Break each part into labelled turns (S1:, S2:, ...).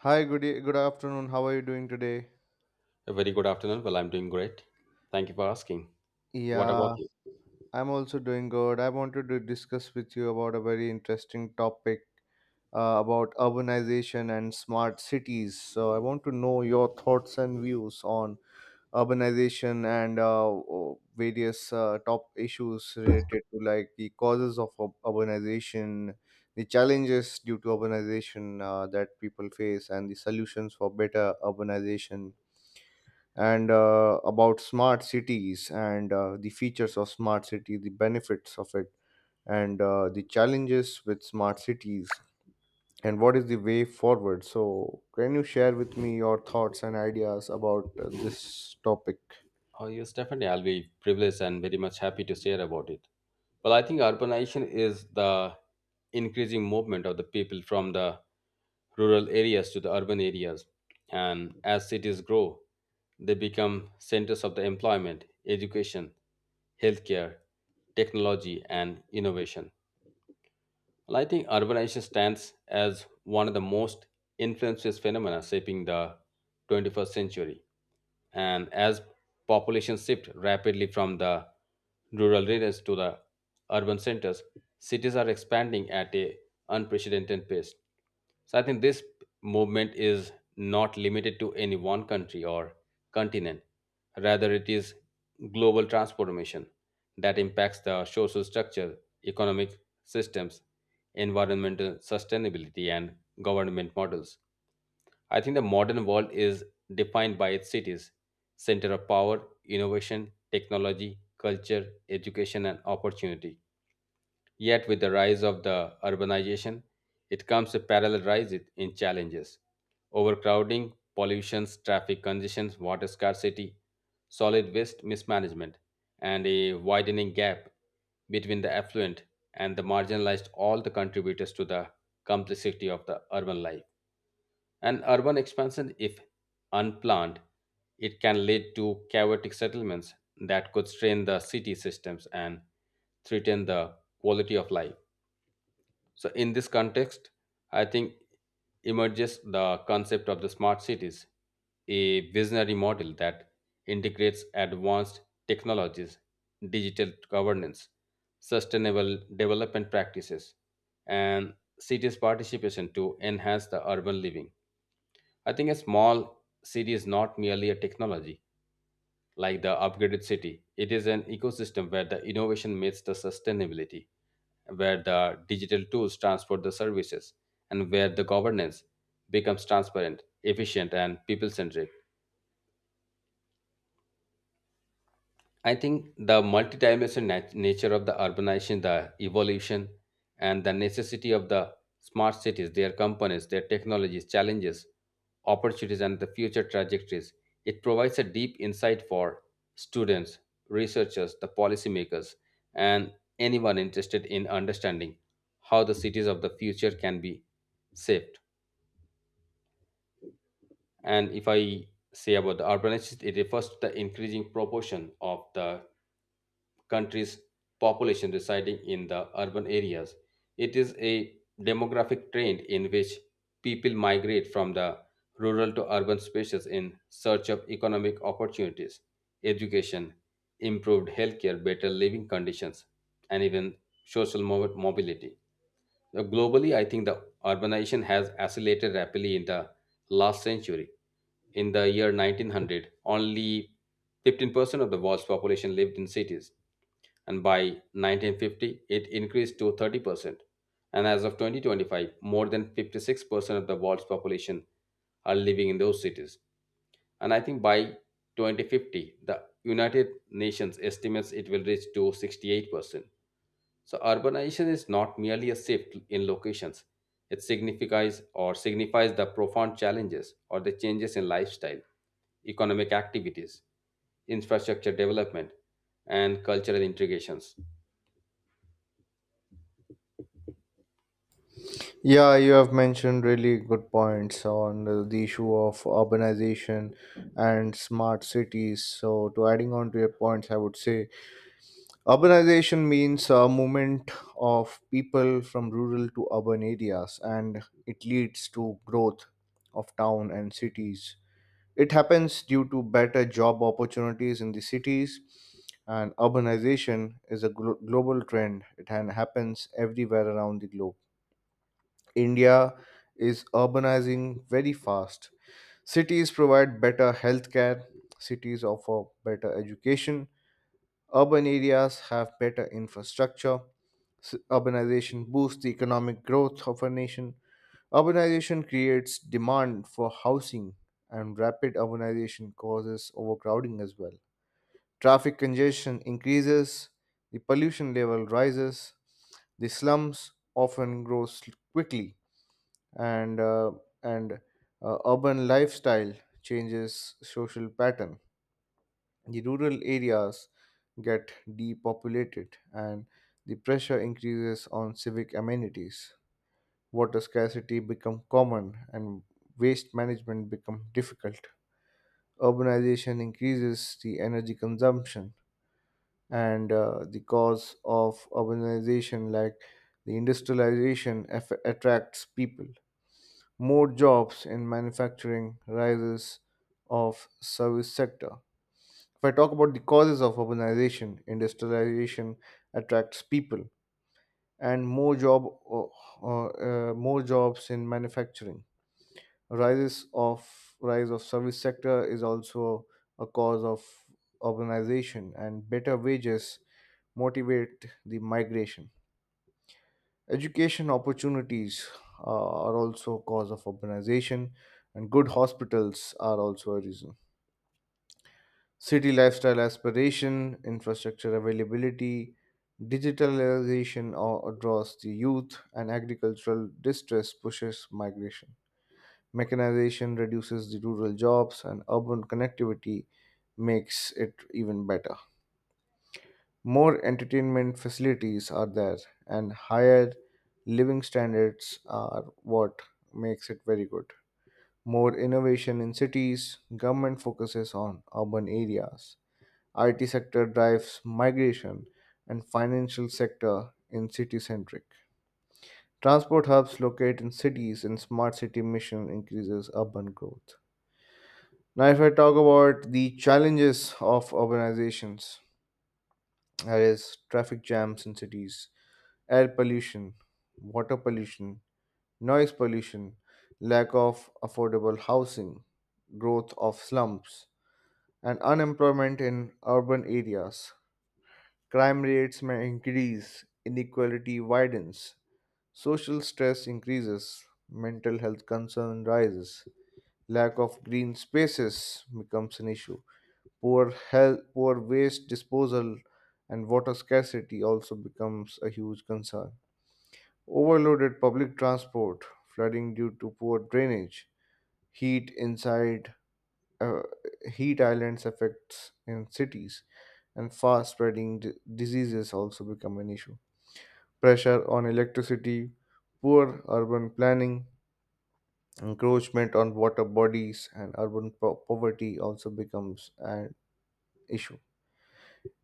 S1: Hi, good afternoon. How are you doing today?
S2: A very good afternoon. Well, I'm doing great. Thank you for asking. What about
S1: Yeah,
S2: you?
S1: I'm also doing good. I wanted to discuss with you about a very interesting topic about urbanization and smart cities. So I want to know your thoughts and views on urbanization and various top issues related to, like, the causes of urbanization, the challenges due to urbanization that people face, and the solutions for better urbanization and about smart cities and the features of smart city, the benefits of it, and the challenges with smart cities, and what is the way forward. So can you share with me your thoughts and ideas about this topic?
S2: Oh, yes, definitely. I'll be privileged and very much happy to share about it. Well, I think urbanization is the increasing movement of the people from the rural areas to the urban areas. And as cities grow, they become centers of the employment, education, healthcare, technology, and innovation. Well, I think urbanization stands as one of the most influential phenomena shaping the 21st century. And as population shift rapidly from the rural areas to the urban centers, cities are expanding at a unprecedented pace. So I think this movement is not limited to any one country or continent. Rather, it is global transformation that impacts the social structure, economic systems, environmental sustainability, and government models. I think the modern world is defined by its cities, center of power, innovation, technology, culture, education, and opportunity. Yet, with the rise of the urbanization, it comes a parallel rise in challenges. Overcrowding, pollution, traffic congestions, water scarcity, solid waste mismanagement, and a widening gap between the affluent and the marginalized all the contributors to the complexity of the urban life. And urban expansion, if unplanned, it can lead to chaotic settlements that could strain the city systems and threaten the quality of life. So, in this context, I think emerges the concept of the smart cities, a visionary model that integrates advanced technologies, digital governance, sustainable development practices, and cities' participation to enhance the urban living. I think a small city is not merely a technology like the upgraded city, it is an ecosystem where the innovation meets the sustainability where the digital tools transport the services, and where the governance becomes transparent, efficient, and people centric. I think the multidimensional nature of the urbanization, the evolution, and the necessity of the smart cities, their components, their technologies, challenges, opportunities, and the future trajectories, it provides a deep insight for students, researchers, the policymakers, and anyone interested in understanding how the cities of the future can be shaped. And if I say about the urbanization, it refers to the increasing proportion of the country's population residing in the urban areas. It is a demographic trend in which people migrate from the rural to urban spaces in search of economic opportunities, education, improved healthcare, better living conditions, and even social mobility. Globally, I think the urbanization has accelerated rapidly in the last century. In the year 1900, only 15% of the world's population lived in cities, and by 1950, it increased to 30%. And as of 2025, more than 56% of the world's population are living in those cities. And I think by 2050, the United Nations estimates it will reach to 68%. So urbanization is not merely a shift in locations. It signifies or signifies the profound challenges or the changes in lifestyle, economic activities, infrastructure development, and cultural integrations.
S1: Yeah, you have mentioned really good points on the issue of urbanization and smart cities. So, to adding on to your points, I would say urbanization means a movement of people from rural to urban areas, and it leads to growth of town and cities. It happens due to better job opportunities in the cities, and urbanization is a global trend. It happens everywhere around the globe. India is urbanizing very fast. Cities provide better healthcare, cities offer better education, urban areas have better infrastructure. Urbanization boosts the economic growth of a nation. Urbanization creates demand for housing, and rapid urbanization causes overcrowding as well. Traffic congestion increases, the pollution level rises, the slums often quickly, and uh, and urban lifestyle changes social pattern, the rural areas get depopulated, and the pressure increases on civic amenities. Water scarcity become common and waste management become difficult. Urbanization increases the energy consumption, and the cause of urbanization, like the industrialization, attracts people. More jobs in manufacturing, rises of service sector. If I talk about the causes of urbanization, industrialization attracts people and uh, uh, more jobs in manufacturing. Rises of Rise of service sector is also a cause of urbanization, and better wages motivate the migration. Education opportunities are also cause of urbanization, and good hospitals are also a reason. City lifestyle aspiration, infrastructure availability, digitalization or draws the youth, and agricultural distress pushes migration. Mechanization reduces the rural jobs, and urban connectivity makes it even better. More entertainment facilities are there, and higher living standards are what makes it very good. More innovation in cities, government focuses on urban areas, IT sector drives migration, and financial sector in city centric. Transport hubs locate in cities, and smart city mission increases urban growth. Now, if I talk about the challenges of urbanizations, that is traffic jams in cities, air pollution, water pollution, noise pollution, lack of affordable housing, growth of slums, and unemployment in urban areas. Crime rates may increase, inequality widens, social stress increases, mental health concern rises, lack of green spaces becomes an issue. Poor health, poor waste disposal, and water scarcity also becomes a huge concern. Overloaded public transport, flooding due to poor drainage, heat inside uh, heat islands affects in cities, and fast spreading diseases also become an issue, pressure on electricity, poor urban planning, encroachment on water bodies, and urban poverty also becomes an issue.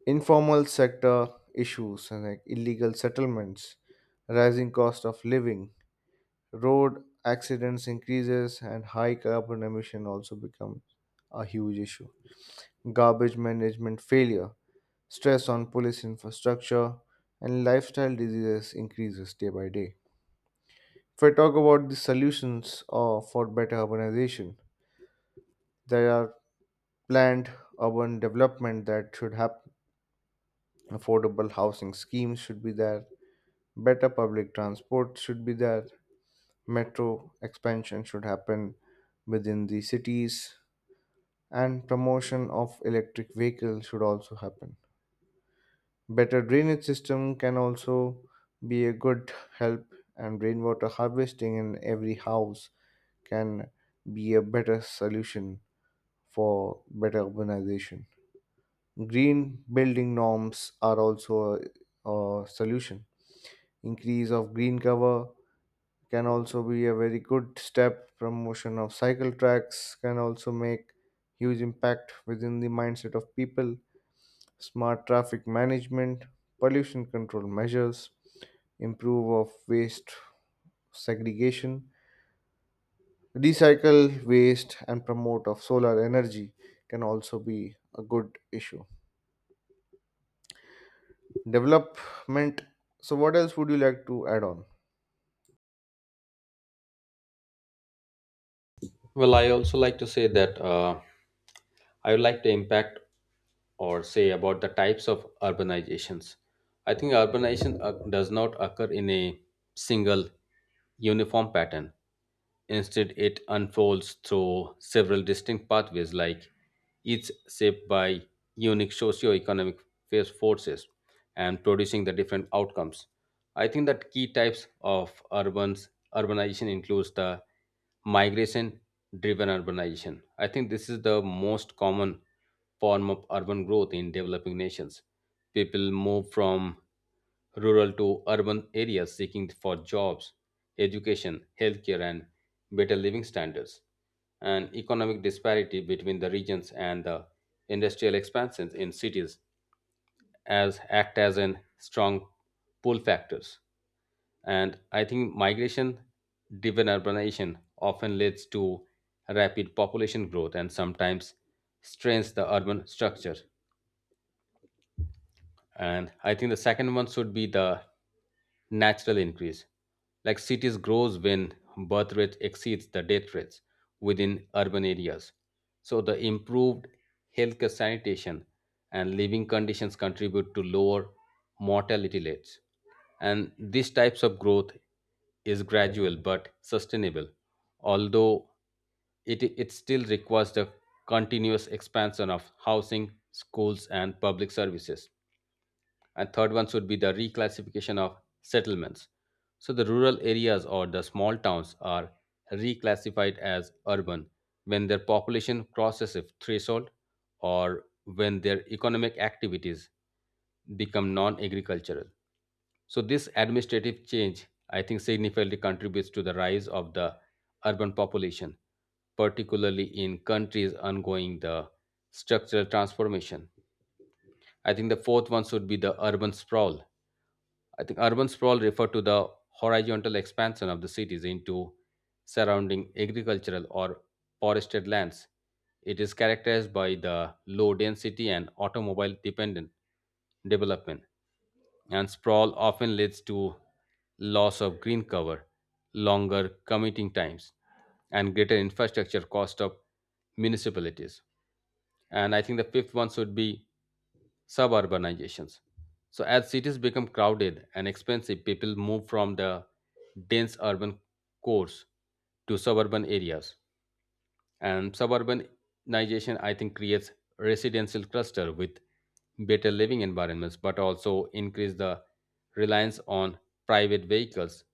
S1: Informal sector issues and like illegal settlements, rising cost of living, road accidents increases, and high carbon emission also becomes a huge issue. Garbage management failure, stress on police infrastructure, and lifestyle diseases increases day by day. If I talk about the solutions for better urbanization, there are planned urban development that should happen. Affordable housing schemes should be there. Better public transport should be there. Metro expansion should happen within the cities, and promotion of electric vehicles should also happen. Better drainage system can also be a good help, and rainwater harvesting in every house can be a better solution for better urbanization. Green building norms are also a solution. Increase of green cover can also be a very good step. Promotion of cycle tracks can also make huge impact within the mindset of people. Smart traffic management, pollution control measures, improve of waste segregation, recycle waste, and promote of solar energy can also be a good issue. Development. So, what else would you like to add on?
S2: Well, I also like to say that I would like to impact or say about the types of urbanizations. I think urbanization does not occur in a single uniform pattern. Instead, it unfolds through several distinct pathways, like each shaped by unique socio-economic forces and producing the different outcomes. I think that key types of urbans urbanization includes the migration driven urbanization. I think this is the most common form of urban growth in developing nations. People move from rural to urban areas seeking for jobs, education, healthcare, and better living standards, and economic disparity between the regions and the industrial expansions in cities as act as an strong pull factors. And I think migration driven urbanization often leads to rapid population growth and sometimes strains the urban structure. And I think the second one should be the natural increase, like cities grows when birth rate exceeds the death rates within urban areas. So the improved healthcare, sanitation, and living conditions contribute to lower mortality rates, and these types of growth is gradual but sustainable, although it still requires the continuous expansion of housing, schools, and public services. And third one should be the reclassification of settlements. So the rural areas or the small towns are reclassified as urban when their population crosses a threshold or when their economic activities become non-agricultural. So this administrative change, I think, significantly contributes to the rise of the urban population, particularly in countries undergoing the structural transformation. I think the fourth one should be the urban sprawl. I think urban sprawl refer to the horizontal expansion of the cities into surrounding agricultural or forested lands. It is characterized by the low density and automobile dependent development, and sprawl often leads to loss of green cover, longer commuting times, and greater infrastructure cost of municipalities. And I think the fifth one should be suburbanizations. So, as cities become crowded and expensive, people move from the dense urban cores to suburban areas. And suburbanization, I think, creates residential cluster with better living environments, but also increase the reliance on private vehicles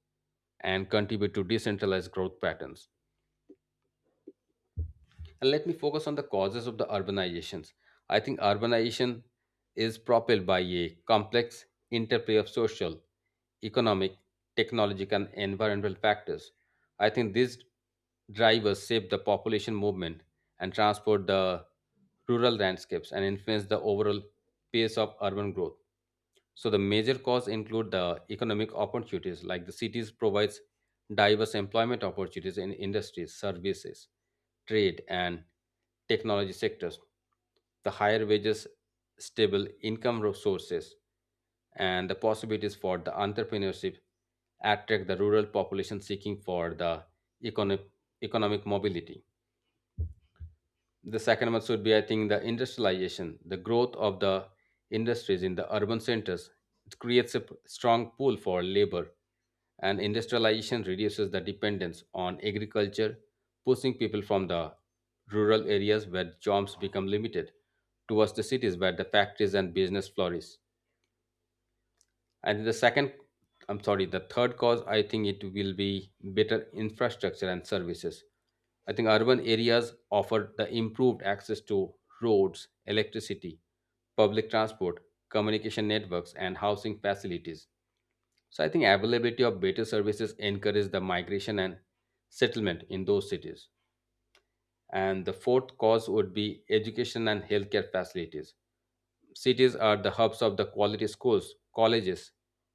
S2: and contribute to decentralized growth patterns. And let me focus on the causes of the urbanizations. I think urbanization is propelled by a complex interplay of social, economic, technological, and environmental factors. I think these drivers shape the population movement and transport the rural landscapes and influence the overall pace of urban growth. So the major cause include the economic opportunities, like the cities provides diverse employment opportunities in industries, services, trade, and technology sectors. The higher wages, stable income sources, and the possibilities for the entrepreneurship attract the rural population seeking for the economic, economic mobility. The second one should be, I think, the industrialization, the growth of the industries in the urban centers. It creates a strong pool for labor, and industrialization reduces the dependence on agriculture, pushing people from the rural areas where jobs become limited towards the cities where the factories and business flourish. And the second, I'm sorry, the third cause, I think it will be better infrastructure and services. I think urban areas offer the improved access to roads, electricity, public transport, communication networks, and housing facilities. So I think availability of better services encourage the migration and settlement in those cities. And the fourth cause would be education and healthcare facilities. Cities are the hubs of the quality schools, colleges,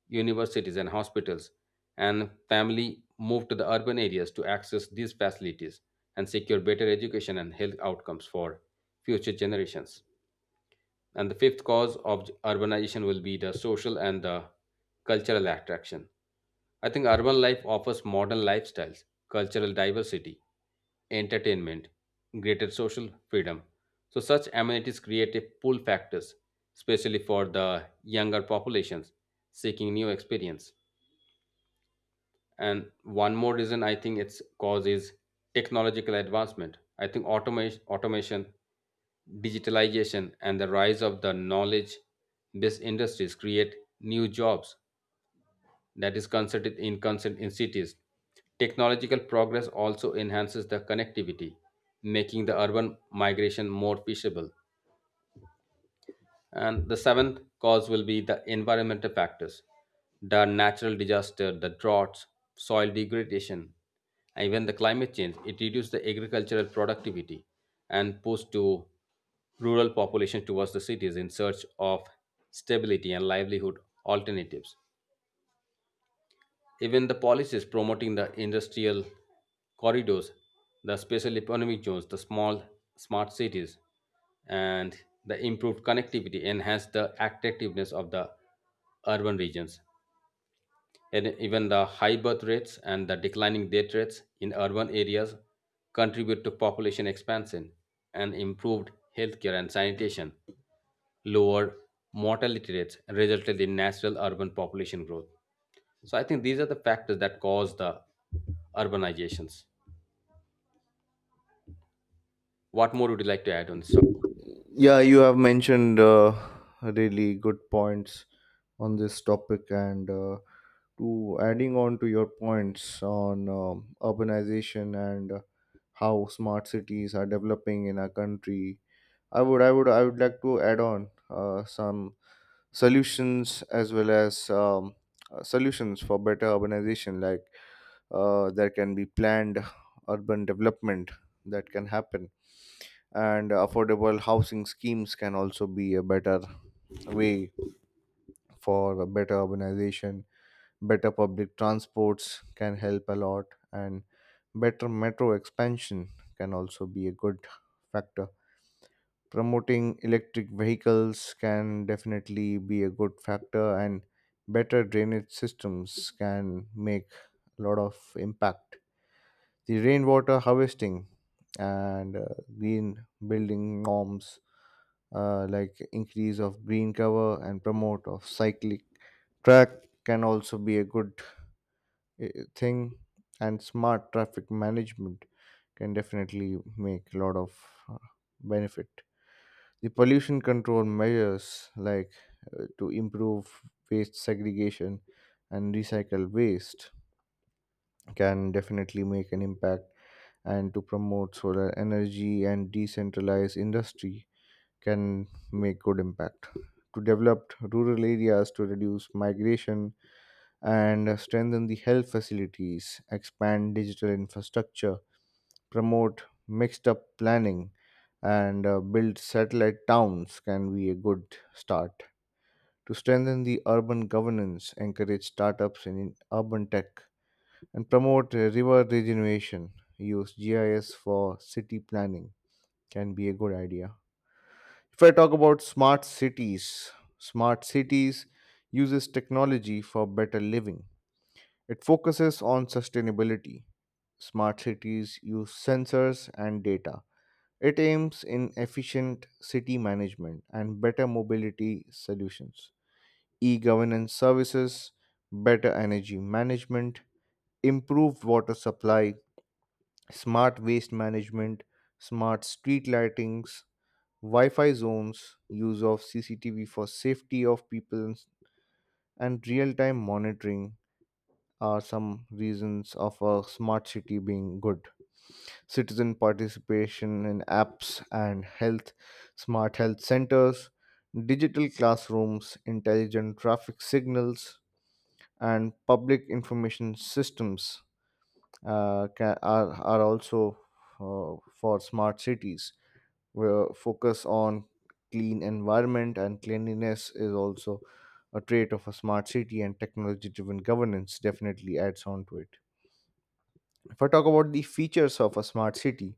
S2: universities, and hospitals, and family move to the urban areas to access these facilities and secure better education and health outcomes for future generations. And the fifth cause of urbanization will be the social and the cultural attraction. I think urban life offers modern lifestyles, cultural diversity, entertainment, greater social freedom. So, such amenities create a pull factors, especially for the younger populations seeking new experience. And one more reason I think its cause is technological advancement. I think automation, digitalization, and the rise of the knowledge-based industries create new jobs that is considered in constant in cities. Technological progress also enhances the connectivity, making the urban migration more feasible. And the seventh cause will be the environmental factors, the natural disaster, the droughts, soil degradation, and even the climate change. It reduces the agricultural productivity and push to rural population towards the cities in search of stability and livelihood alternatives. Even the policies promoting the industrial corridors, the special economic zones, the small smart cities, and the improved connectivity enhance the attractiveness of the urban regions. And even the high birth rates and the declining death rates in urban areas contribute to population expansion and improved healthcare and sanitation lower mortality rates resulted in natural urban population growth. So I think these are the factors that cause the urbanizations. What more would you like to add on this?
S1: Yeah, you have mentioned really good points on this topic, and to adding on to your points on urbanization and how smart cities are developing in our country, I would like to add on some solutions as well as solutions for better urbanization. Like there can be planned urban development that can happen, and affordable housing schemes can also be a better way for a better urbanization. Better public transports can help a lot, and better metro expansion can also be a good factor. Promoting electric vehicles can definitely be a good factor, and better drainage systems can make a lot of impact. The rainwater harvesting and green building norms, like increase of green cover and promote of cyclic track, can also be a good uh, thing, and smart traffic management can definitely make a lot of uh, benefit. The pollution control measures, like to improve waste segregation and recycle waste, can definitely make an impact, and to promote solar energy and decentralized industry can make good impact. To develop rural areas to reduce migration, and strengthen the health facilities, expand digital infrastructure, promote mixed up planning, and build satellite towns can be a good start. To strengthen the urban governance, encourage startups in urban tech, and promote river regeneration, use GIS for city planning can be a good idea. If I talk about smart cities uses technology for better living. It focuses on sustainability. Smart cities use sensors and data. It aims in efficient city management and better mobility solutions, e governance services, better energy management, improved water supply, smart waste management, smart street lightings, Wi Fi zones, use of CCTV for safety of people, and real time monitoring are some reasons of a smart city being good. Citizen participation in apps and health, smart health centers, digital classrooms, intelligent traffic signals, and public information systems are also for smart cities. Where focus on clean environment and cleanliness is also a trait of a smart city, and technology driven governance definitely adds on to it. If I talk about the features of a smart city,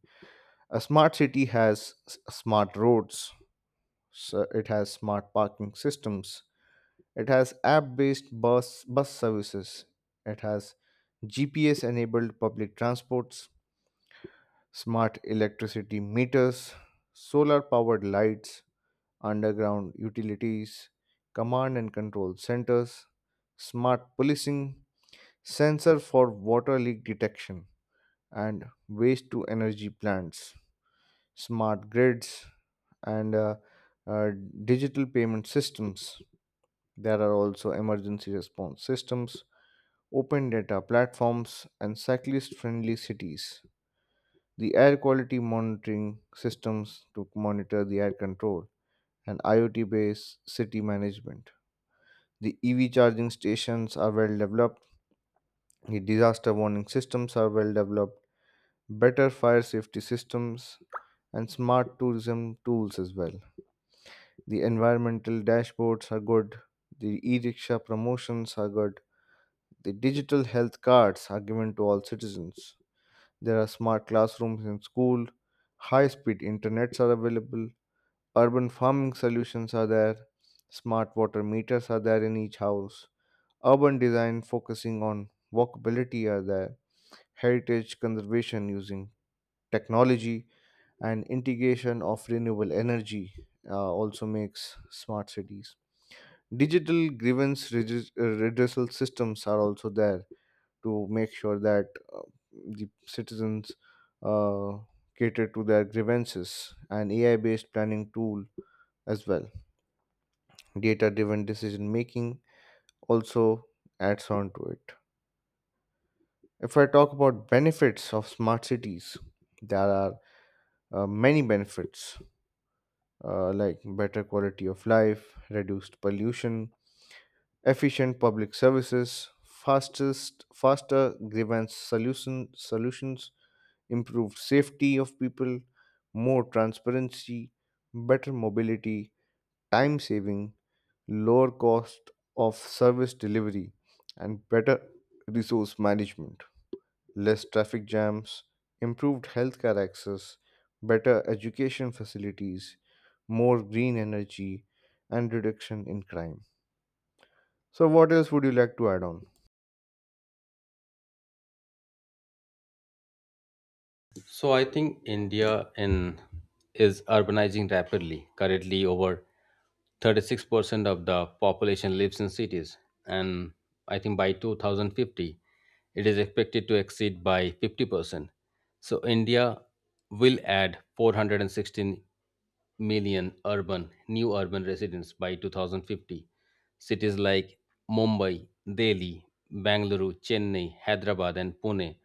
S1: a smart city has smart roads, so it has smart parking systems, it has app based bus services, it has GPS enabled public transports, smart electricity meters, solar powered lights, underground utilities, command and control centers, smart policing, sensor for water leak detection, and waste to energy plants, smart grids, and uh, digital payment systems. There are also emergency response systems, open data platforms, and cyclist friendly cities. The air quality monitoring systems to monitor the air control, and IoT based city management. The EV charging stations are well developed, the disaster warning systems are well developed, better fire safety systems, and smart tourism tools as well. The environmental dashboards are good. The e rickshaw promotions are good. The digital health cards are given to all citizens. There are smart classrooms in school. High speed internets are available. Urban farming solutions are there. Smart water meters are there in each house. Urban design focusing on walkability are there. Heritage conservation using technology and integration of renewable energy also makes smart cities. Digital redressal systems are also there to make sure that uh, the citizens uh, cater to their grievances, and AI based planning tool as well. Data driven decision making also adds on to it. If I talk about benefits of smart cities, there are many benefits, like better quality of life, reduced pollution, efficient public services, faster grievance solutions, improved safety of people, more transparency, better mobility, time saving, lower cost of service delivery, and better resource management, less traffic jams, improved healthcare access, better education facilities, more green energy, and reduction in crime. So, what else would you like to add on?
S2: So I think India in is urbanizing rapidly. Currently, over 36% of the population lives in cities, and I think by 2050, it is expected to exceed by 50%. So India will add 416 million urban new urban residents by 2050. Cities like Mumbai, Delhi, Bangalore, Chennai, Hyderabad, and Pune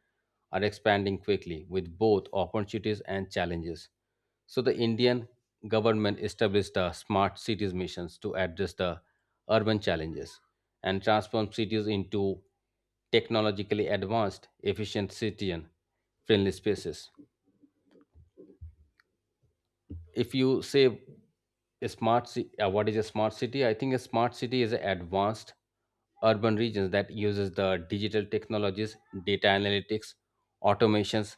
S2: are expanding quickly with both opportunities and challenges. So, the Indian government established the Smart Cities missions to address the urban challenges and transform cities into technologically advanced, efficient citizen friendly spaces. If you say what is a smart city, I think a smart city is an advanced urban regions that uses the digital technologies, data analytics, automations,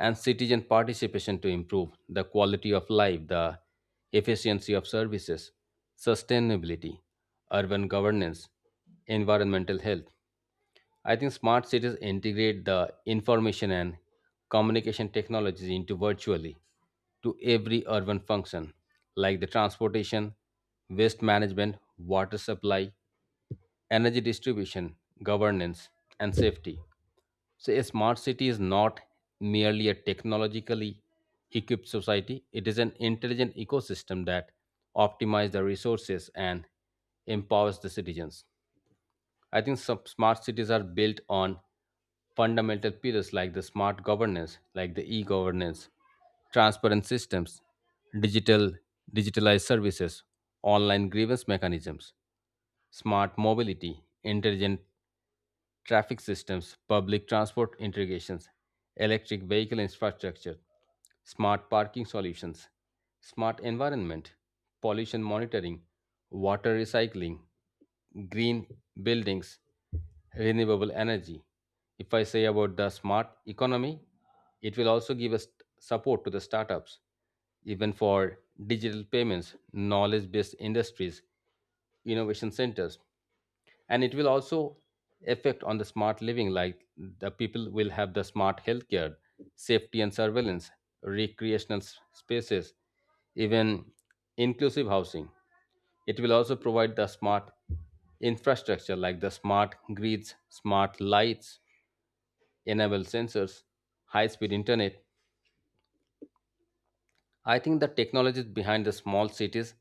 S2: and citizen participation to improve the quality of life, the efficiency of services, sustainability, urban governance, environmental health. I think smart cities integrate the information and communication technologies into virtually to every urban function like the transportation, waste management, water supply, energy distribution, governance, and safety. So, a smart city is not merely a technologically equipped society, it is an intelligent ecosystem that optimizes the resources and empowers the citizens. I think some smart cities are built on fundamental pillars like the smart governance, like the e-governance, transparent systems, digital digitalized services, online grievance mechanisms, smart mobility, intelligent traffic systems, public transport integrations, electric vehicle infrastructure, smart parking solutions, smart environment, pollution monitoring, water recycling, green buildings, renewable energy. If I say about the smart economy, it will also give us support to the startups, even for digital payments, knowledge based industries, innovation centers, and it will also affect on the smart living. Like the people will have the smart healthcare, safety and surveillance, recreational spaces, even inclusive housing. It will also provide the smart infrastructure like the smart grids, smart lights, enable sensors, high speed internet. I think the technologies behind the small cities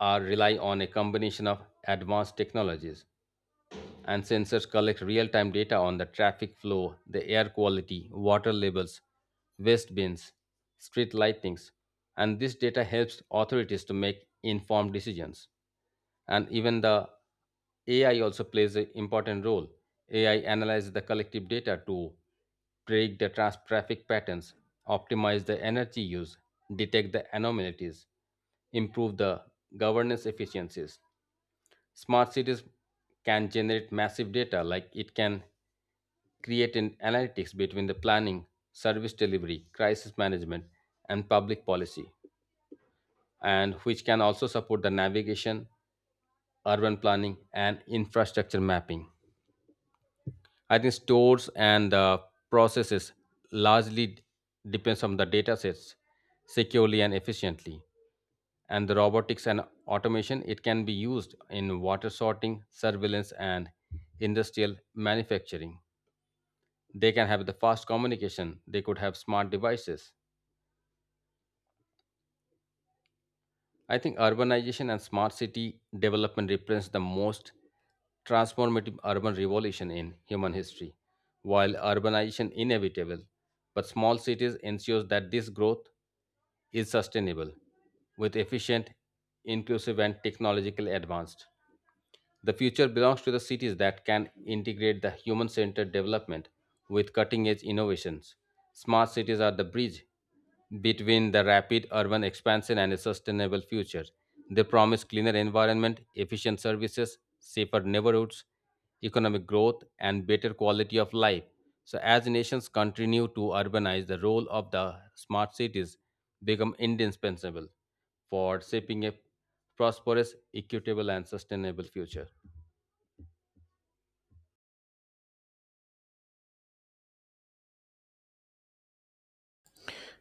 S2: are rely on a combination of advanced technologies, and sensors collect real time data on the traffic flow, the air quality, water levels, waste bins, street lightings, and this data helps authorities to make informed decisions. And even the AI also plays an important role. AI analyzes the collective data to predict the traffic patterns, optimize the energy use, detect the anomalies, improve the governance efficiencies. Smart cities can generate massive data, like it can create an analytics between the planning, service delivery, crisis management, and public policy, and which can also support the navigation, urban planning, and infrastructure mapping. I think stores and processes largely depends on the data sets securely and efficiently. And the robotics and automation, it can be used in water sorting, surveillance, and industrial manufacturing. They can have the fast communication, they could have smart devices. I think urbanization and smart city development represents the most transformative urban revolution in human history. While urbanization inevitable, but small cities ensures that this growth is sustainable, with efficient, inclusive, and technologically advanced. The future belongs to the cities that can integrate the human centered development with cutting edge innovations. Smart cities are the bridge between the rapid urban expansion and a sustainable future. They promise cleaner environment, efficient services, safer neighborhoods, economic growth, and better quality of life. So, as nations continue to urbanize, the role of the smart cities become indispensable for shaping a prosperous, equitable, and sustainable future.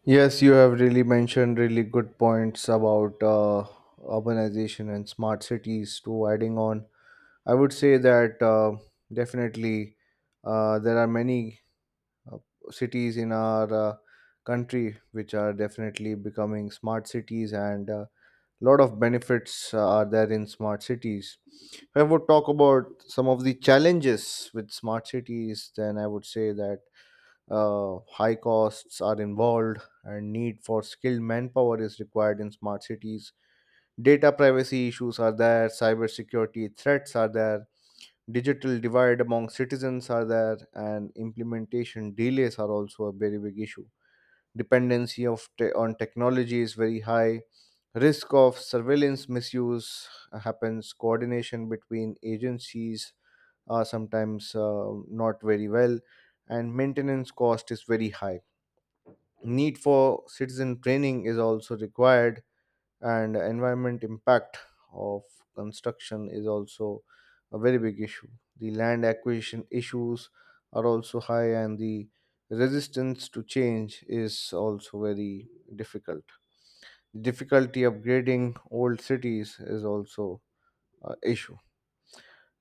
S1: Yes, you have really mentioned really good points about urbanization and smart cities. To adding on, I would say that definitely there are many uh, cities in our country which are definitely becoming smart cities, and a lot of benefits are there in smart cities. If I would talk about some of the challenges with smart cities, then I would say that high costs are involved and need for skilled manpower is required in smart cities. Data privacy issues are there, cybersecurity threats are there, digital divide among citizens are there, and implementation delays are also a very big issue. Dependency on technology is very high, risk of surveillance misuse happens, coordination between agencies are sometimes not very well, and maintenance cost is very high, need for citizen training is also required, and environment impact of construction is also a very big issue. The land acquisition issues are also high, and the resistance to change is also very difficult difficulty, upgrading old cities is also an issue.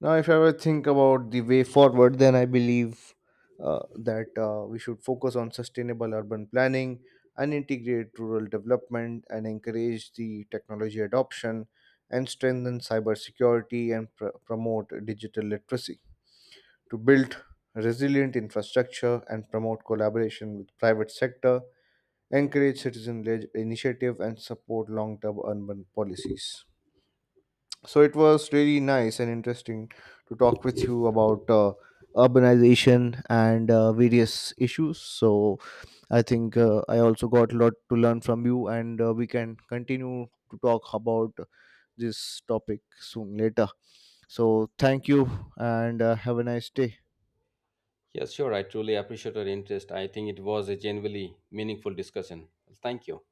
S1: Now, if I ever think about the way forward, then I believe that we should focus on sustainable urban planning and integrate rural development and encourage the technology adoption and strengthen cybersecurity and promote digital literacy to build resilient infrastructure and promote collaboration with private sector, encourage citizen led initiative, and support long term urban policies. So it was really nice and interesting to talk with you about urbanization and various issues. So I think I also got a lot to learn from you, and we can continue to talk about this topic soon later. So thank you, and have a nice day.
S2: Yes, sure. I truly appreciate your interest. I think it was a genuinely meaningful discussion. Thank you.